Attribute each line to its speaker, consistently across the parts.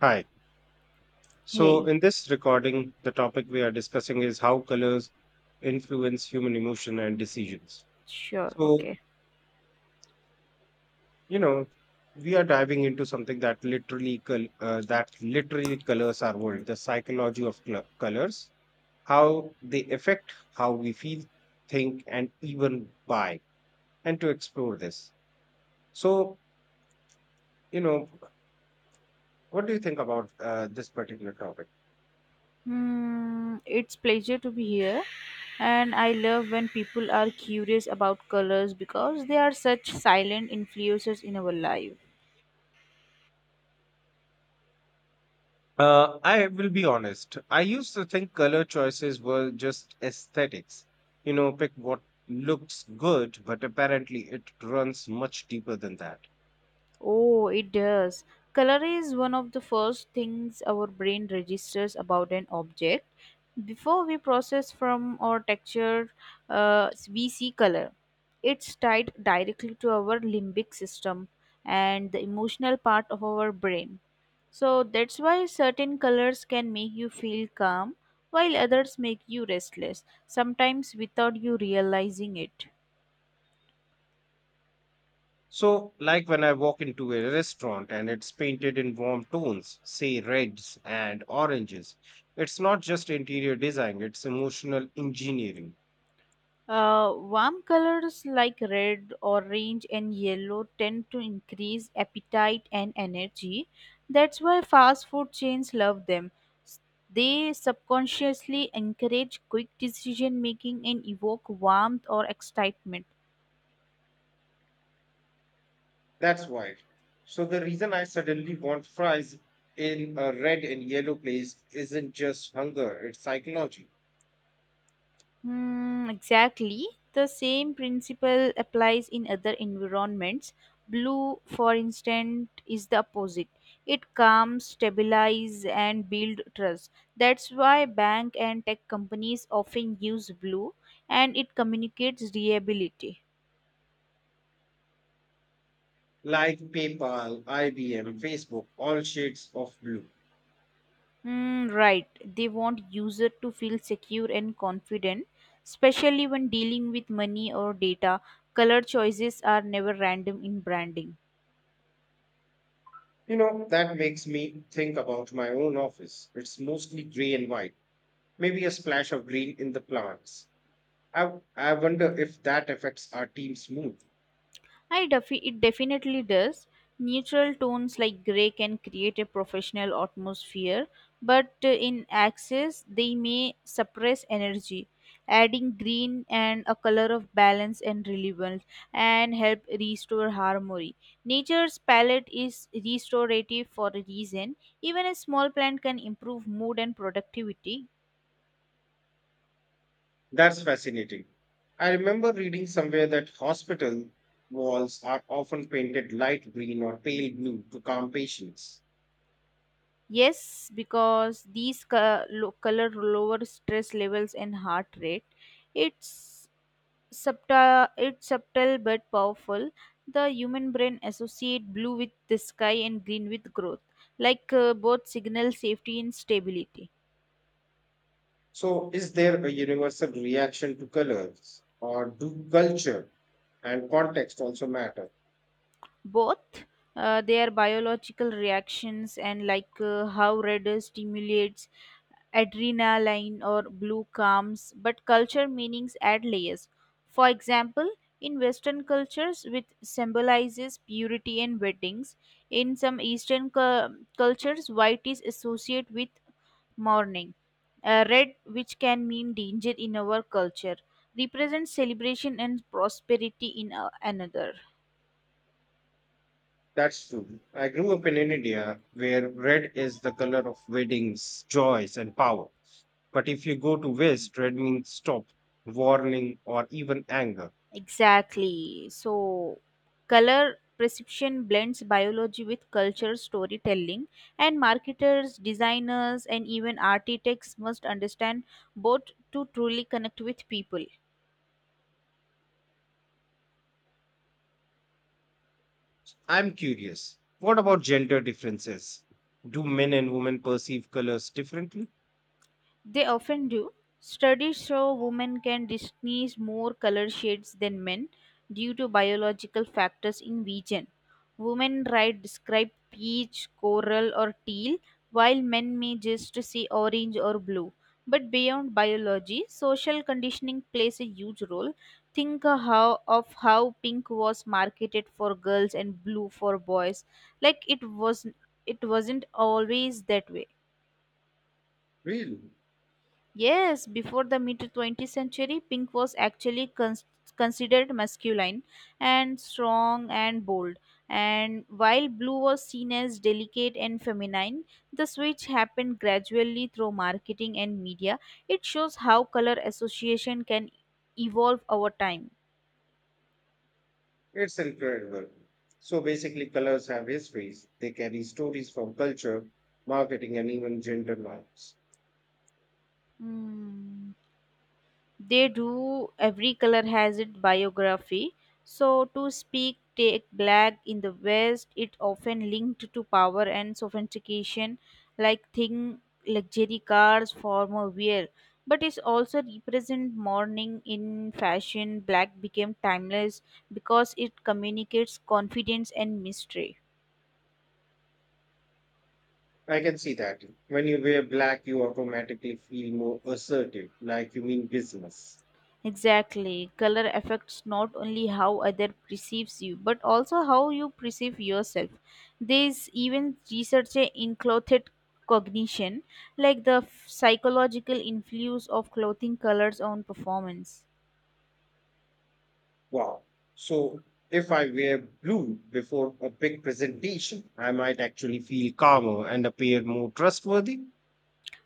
Speaker 1: Hi. So,
Speaker 2: Hey,
Speaker 1: in this recording, the topic we are discussing is how colors influence human emotion and decisions.
Speaker 2: sure,
Speaker 1: So,
Speaker 2: okay.
Speaker 1: you know, we are diving into something that literally colors our world, the psychology of colors, how they affect how we feel, think, and even buy, and to explore this. So, you know, what do you think about this particular topic?
Speaker 2: It's pleasure to be here, and I love when people are curious about colors because they are such silent influencers in our life.
Speaker 1: I will be honest. I used to think color choices were just aesthetics. You know, pick what looks good, but apparently it runs much deeper than that.
Speaker 2: Oh, it does. Color is one of the first things our brain registers about an object. Before we process from our texture, we see color. It's tied directly to our limbic system and the emotional part of our brain. So that's why certain colors can make you feel calm, while others make you restless, sometimes without you realizing it.
Speaker 1: So, like when I walk into a restaurant and it's painted in warm tones, say reds and oranges, it's not just interior design, it's emotional engineering.
Speaker 2: Warm colors like red, orange, and yellow tend to increase appetite and energy. That's why fast food chains love them. S- They subconsciously encourage quick decision making and evoke warmth or excitement.
Speaker 1: That's why. So, the reason I suddenly want fries in a red and yellow place isn't just hunger, it's psychology
Speaker 2: Hmm, exactly. The same principle applies in other environments. Blue, for instance, is the opposite. It calms, stabilize, and build trust. That's why bank and tech companies often use blue, and it communicates reliability.
Speaker 1: like PayPal, IBM, Facebook, all shades of blue.
Speaker 2: Hmm, right. They want user to feel secure and confident, especially when dealing with money or data. Color choices are never random in branding.
Speaker 1: You know, that makes me think about my own office. It's mostly gray and white, maybe a splash of green in the plants. I wonder if that affects our team's mood.
Speaker 2: It definitely does. Neutral tones like gray can create a professional atmosphere, but in access, they may suppress energy. Adding green and a color of balance and relevance and help restore harmony. Nature's palette is restorative for a reason. Even a small plant can improve mood and productivity.
Speaker 1: That's fascinating. I remember reading somewhere that hospital walls are often painted light green or pale blue to calm patients.
Speaker 2: Yes, because these color lower stress levels and heart rate. It's it's subtle but powerful. The human brain associate blue with the sky and green with growth, like both signal safety and stability.
Speaker 1: So, is there a universal reaction to colors, or do culture and context also matter?
Speaker 2: Both they are biological reactions, and like how red stimulates adrenaline or blue calms, but culture meanings add layers. For example, in Western cultures, which symbolizes purity and weddings, in some Eastern cultures, white is associated with mourning. Red, which can mean danger in our culture, represents celebration and prosperity in another.
Speaker 1: That's true. I grew up in India where red is the color of weddings, joys, and power. But if you go to West, red means stop, warning, or even anger.
Speaker 2: Exactly. So, color perception blends biology with culture storytelling, and marketers, designers, and even architects must understand both to truly connect with people.
Speaker 1: I'm curious, what about gender differences? Do men and women perceive colors differently?
Speaker 2: They often do. Studies show women can distinguish more color shades than men due to biological factors in region. Women right describe peach, coral, or teal, while men may just see orange or blue. But beyond biology, social conditioning plays a huge role. Think of how pink was marketed for girls and blue for boys. Like it was, it wasn't always that way.
Speaker 1: Really?
Speaker 2: Yes, before the mid 20th century, pink was actually considered masculine and strong and bold. And while blue was seen as delicate and feminine, the switch happened gradually through marketing and media. It shows how color association can evolve over time.
Speaker 1: It's incredible. So basically, colors have histories. They carry stories from culture, marketing, and even gender norms.
Speaker 2: Hmm, they do. Every color has its biography, so to speak. Take black in the west, it often linked to power and sophistication, like thing, luxury cars, formal wear, but it's also represent mourning. In fashion, black became timeless because it communicates confidence and mystery.
Speaker 1: I can see that. When you wear black, you automatically feel more assertive, like you mean business.
Speaker 2: Exactly. Color affects not only how other perceives you, but also how you perceive yourself. There is even research in clothed cognition, like the psychological influence of clothing colors on performance.
Speaker 1: Wow. So if I wear blue before a big presentation, I might actually feel calmer and appear more trustworthy.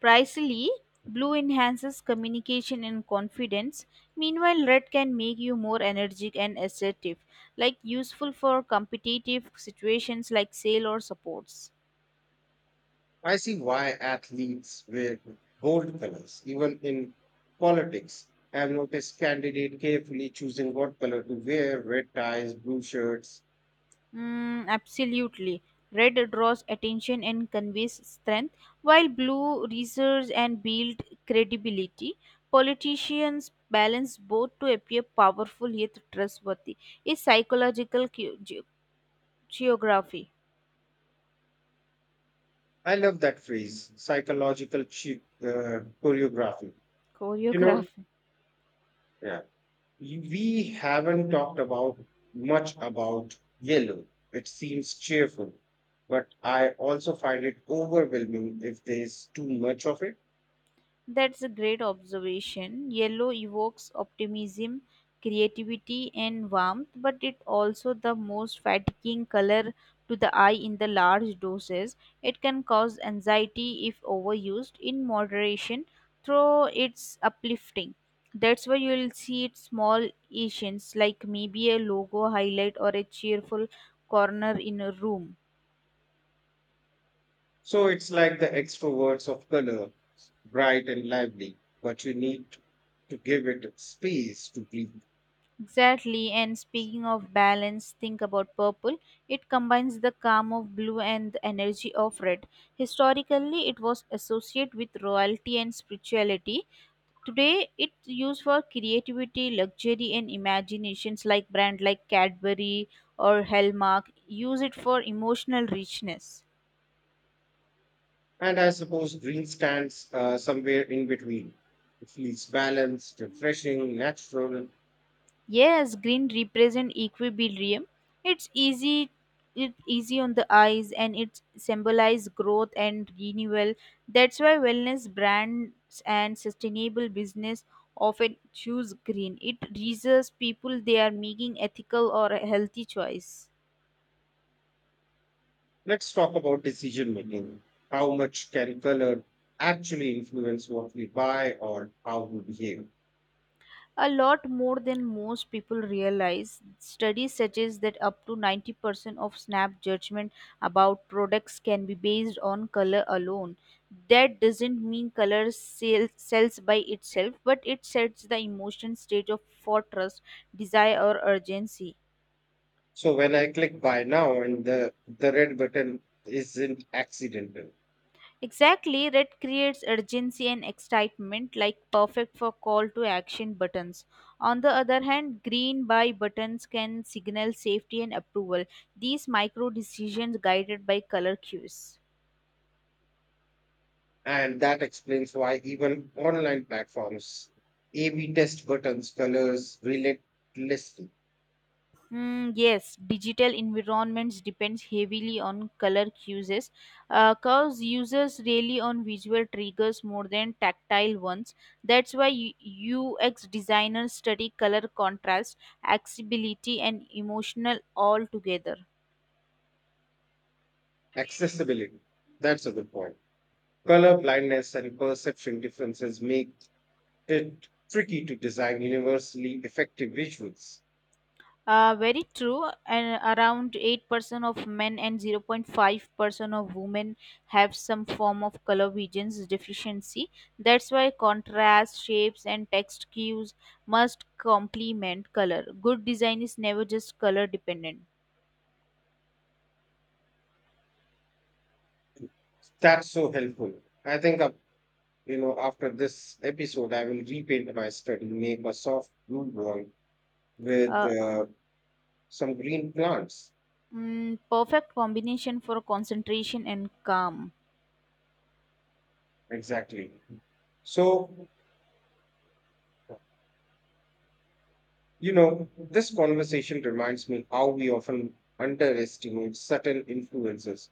Speaker 2: Precisely, blue enhances communication and confidence. Meanwhile, red can make you more energetic and assertive, like useful for competitive situations like sale or supports.
Speaker 1: I see why athletes wear bold colors, even in politics. I have noticed candidates carefully choosing what color to wear, red ties, blue shirts.
Speaker 2: Mm, absolutely. Red draws attention and conveys strength, while blue reserves and builds credibility. Politicians balance both to appear powerful yet trustworthy. It's psychological geography.
Speaker 1: I love that phrase, psychological choreography. You know,
Speaker 2: Choreography.
Speaker 1: yeah, we haven't talked about much about yellow. It seems cheerful, but I also find it overwhelming if there's too much of it.
Speaker 2: That's a great observation. Yellow evokes optimism, creativity, and warmth, but it also the most fatiguing color to the eye in the large doses. It can cause anxiety if overused. In moderation, though, it's uplifting. That's why you'll see it small Asians, like maybe a logo highlight or a cheerful corner in a room.
Speaker 1: So it's like the extroverts of color, bright and lively, but you need to give it space to breathe.
Speaker 2: Exactly, and speaking of balance, think about purple. It combines the calm of blue and the energy of red. Historically, it was associated with royalty and spirituality. Today, it's used for creativity, luxury, and imaginations, like brand like Cadbury or Hallmark use it for emotional richness.
Speaker 1: And I suppose green stands somewhere in between. It feels balanced, refreshing, natural.
Speaker 2: Yes, green represent equilibrium. It's easy it's easy on the eyes and it symbolizes growth and renewal. That's why wellness brands and sustainable business often choose green. It reassures people they are making ethical or healthy choice.
Speaker 1: Let's talk about decision making. How much can color actually influence what we buy or how we behave?
Speaker 2: A lot more than most people realize. Studies suggest that up to 90% of snap judgment about products can be based on color alone. That doesn't mean color sells by itself, but it sets the emotion stage of for trust, desire, or urgency.
Speaker 1: So when I click buy now and the red button isn't accidental.
Speaker 2: Exactly, red creates urgency and excitement, like perfect for call to action buttons. On the other hand, green buy buttons can signal safety and approval. These micro decisions guided by color cues.
Speaker 1: And that explains why even online platforms, A/B test buttons, colors relentlessly.
Speaker 2: Mm, yes, digital environments depends heavily on color cues. Curves users really on visual triggers more than tactile ones. That's why UX designers study color contrast, accessibility, and emotional all together.
Speaker 1: Accessibility. That's a good point. Color blindness and perception differences make it tricky to design universally effective visuals.
Speaker 2: Very true. And around 8% of men and 0.5% of women have some form of color vision deficiency. That's why contrast, shapes, and text cues must complement color. Good design is never just color dependent.
Speaker 1: That's so helpful. I think, after this episode, I will repaint my study, make a soft blue wall with
Speaker 2: Uh,
Speaker 1: some green plants.
Speaker 2: Perfect combination for concentration and calm.
Speaker 1: Exactly. So this conversation reminds me how we often underestimate certain influences.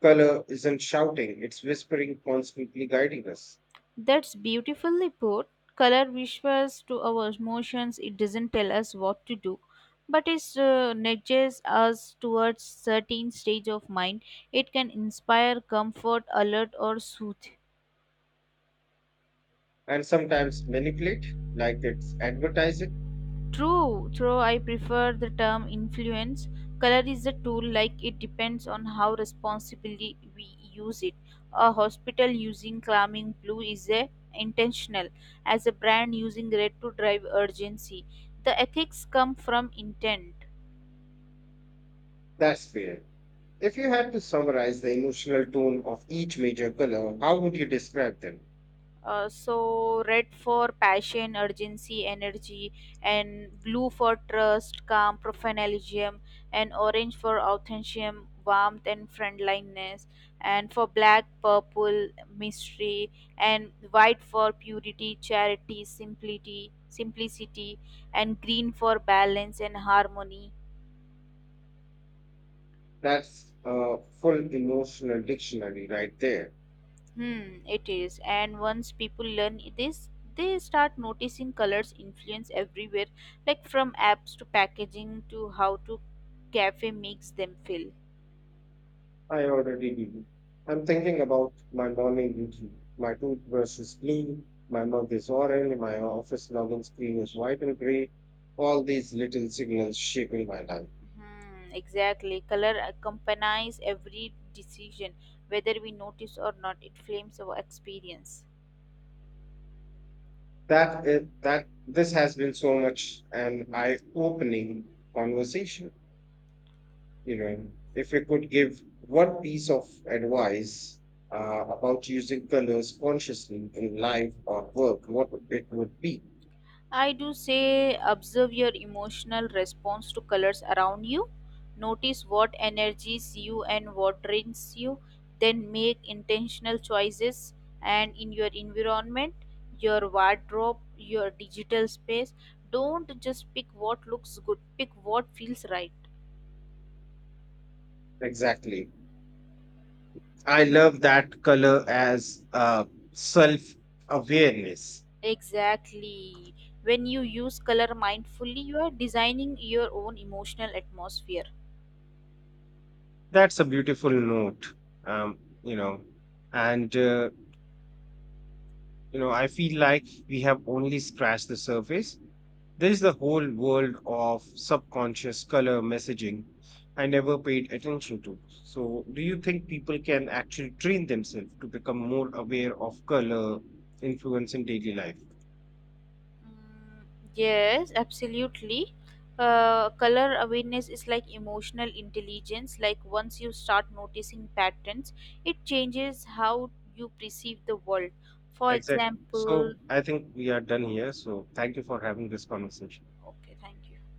Speaker 1: Color isn't shouting, it's whispering, constantly guiding us,
Speaker 2: That's beautifully put. Color whispers to our emotions. It doesn't tell us what to do, but it nudges us towards certain stage of mind. It can inspire comfort, alert, or soothe.
Speaker 1: and sometimes manipulate like it's advertising.
Speaker 2: True, though I prefer the term influence. Color is a tool, like it depends on how responsibly we use it. A hospital using calming blue is a intentional, as a brand using red to drive urgency. The ethics come from intent.
Speaker 1: That's fair. If you had to summarize the emotional tone of each major color, how would you describe them?
Speaker 2: So, red for passion, urgency, energy, and blue for trust, calm, professionalism, and orange for authenticity, warmth, and friendliness, and for black, purple, mystery, and white for purity, charity, simplicity, and green for balance and harmony.
Speaker 1: That's a full emotional dictionary right there.
Speaker 2: Hmm, it is. And once people learn this, they start noticing colors influence everywhere, like from apps to packaging to how to cafe makes them feel.
Speaker 1: I already did. I'm thinking about my morning routine. My toothbrush is blue, my mug is orange, my office login screen is white and gray. All these little signals shaping my life.
Speaker 2: Hmm, exactly. Color accompanies every decision, whether we notice or not. It frames our experience.
Speaker 1: That is, that This has been so much an eye-opening conversation. You know, if we could give one piece of advice about using colors consciously in life or work, what it would be
Speaker 2: I do say observe your emotional response to colors around you. Notice what energies you and what drains you. Then make intentional choices and in your environment, your wardrobe, your digital space. Don't just pick what looks good, pick what feels right.
Speaker 1: exactly? I love that color as self awareness.
Speaker 2: Exactly. When you use color mindfully, you are designing your own emotional atmosphere.
Speaker 1: That's a beautiful note, um, you know. And, uh, I feel like we have only scratched the surface. There is the whole world of subconscious color messaging I never paid attention to. So, do you think people can actually train themselves to become more aware of color influence in daily life?
Speaker 2: Mm, yes, absolutely. Color awareness is like emotional intelligence. Like once you start noticing patterns, it changes how you perceive the world. For
Speaker 1: Exactly. So,
Speaker 2: example,
Speaker 1: I think we are done here. So, thank you for having this conversation.
Speaker 2: okay, thank you.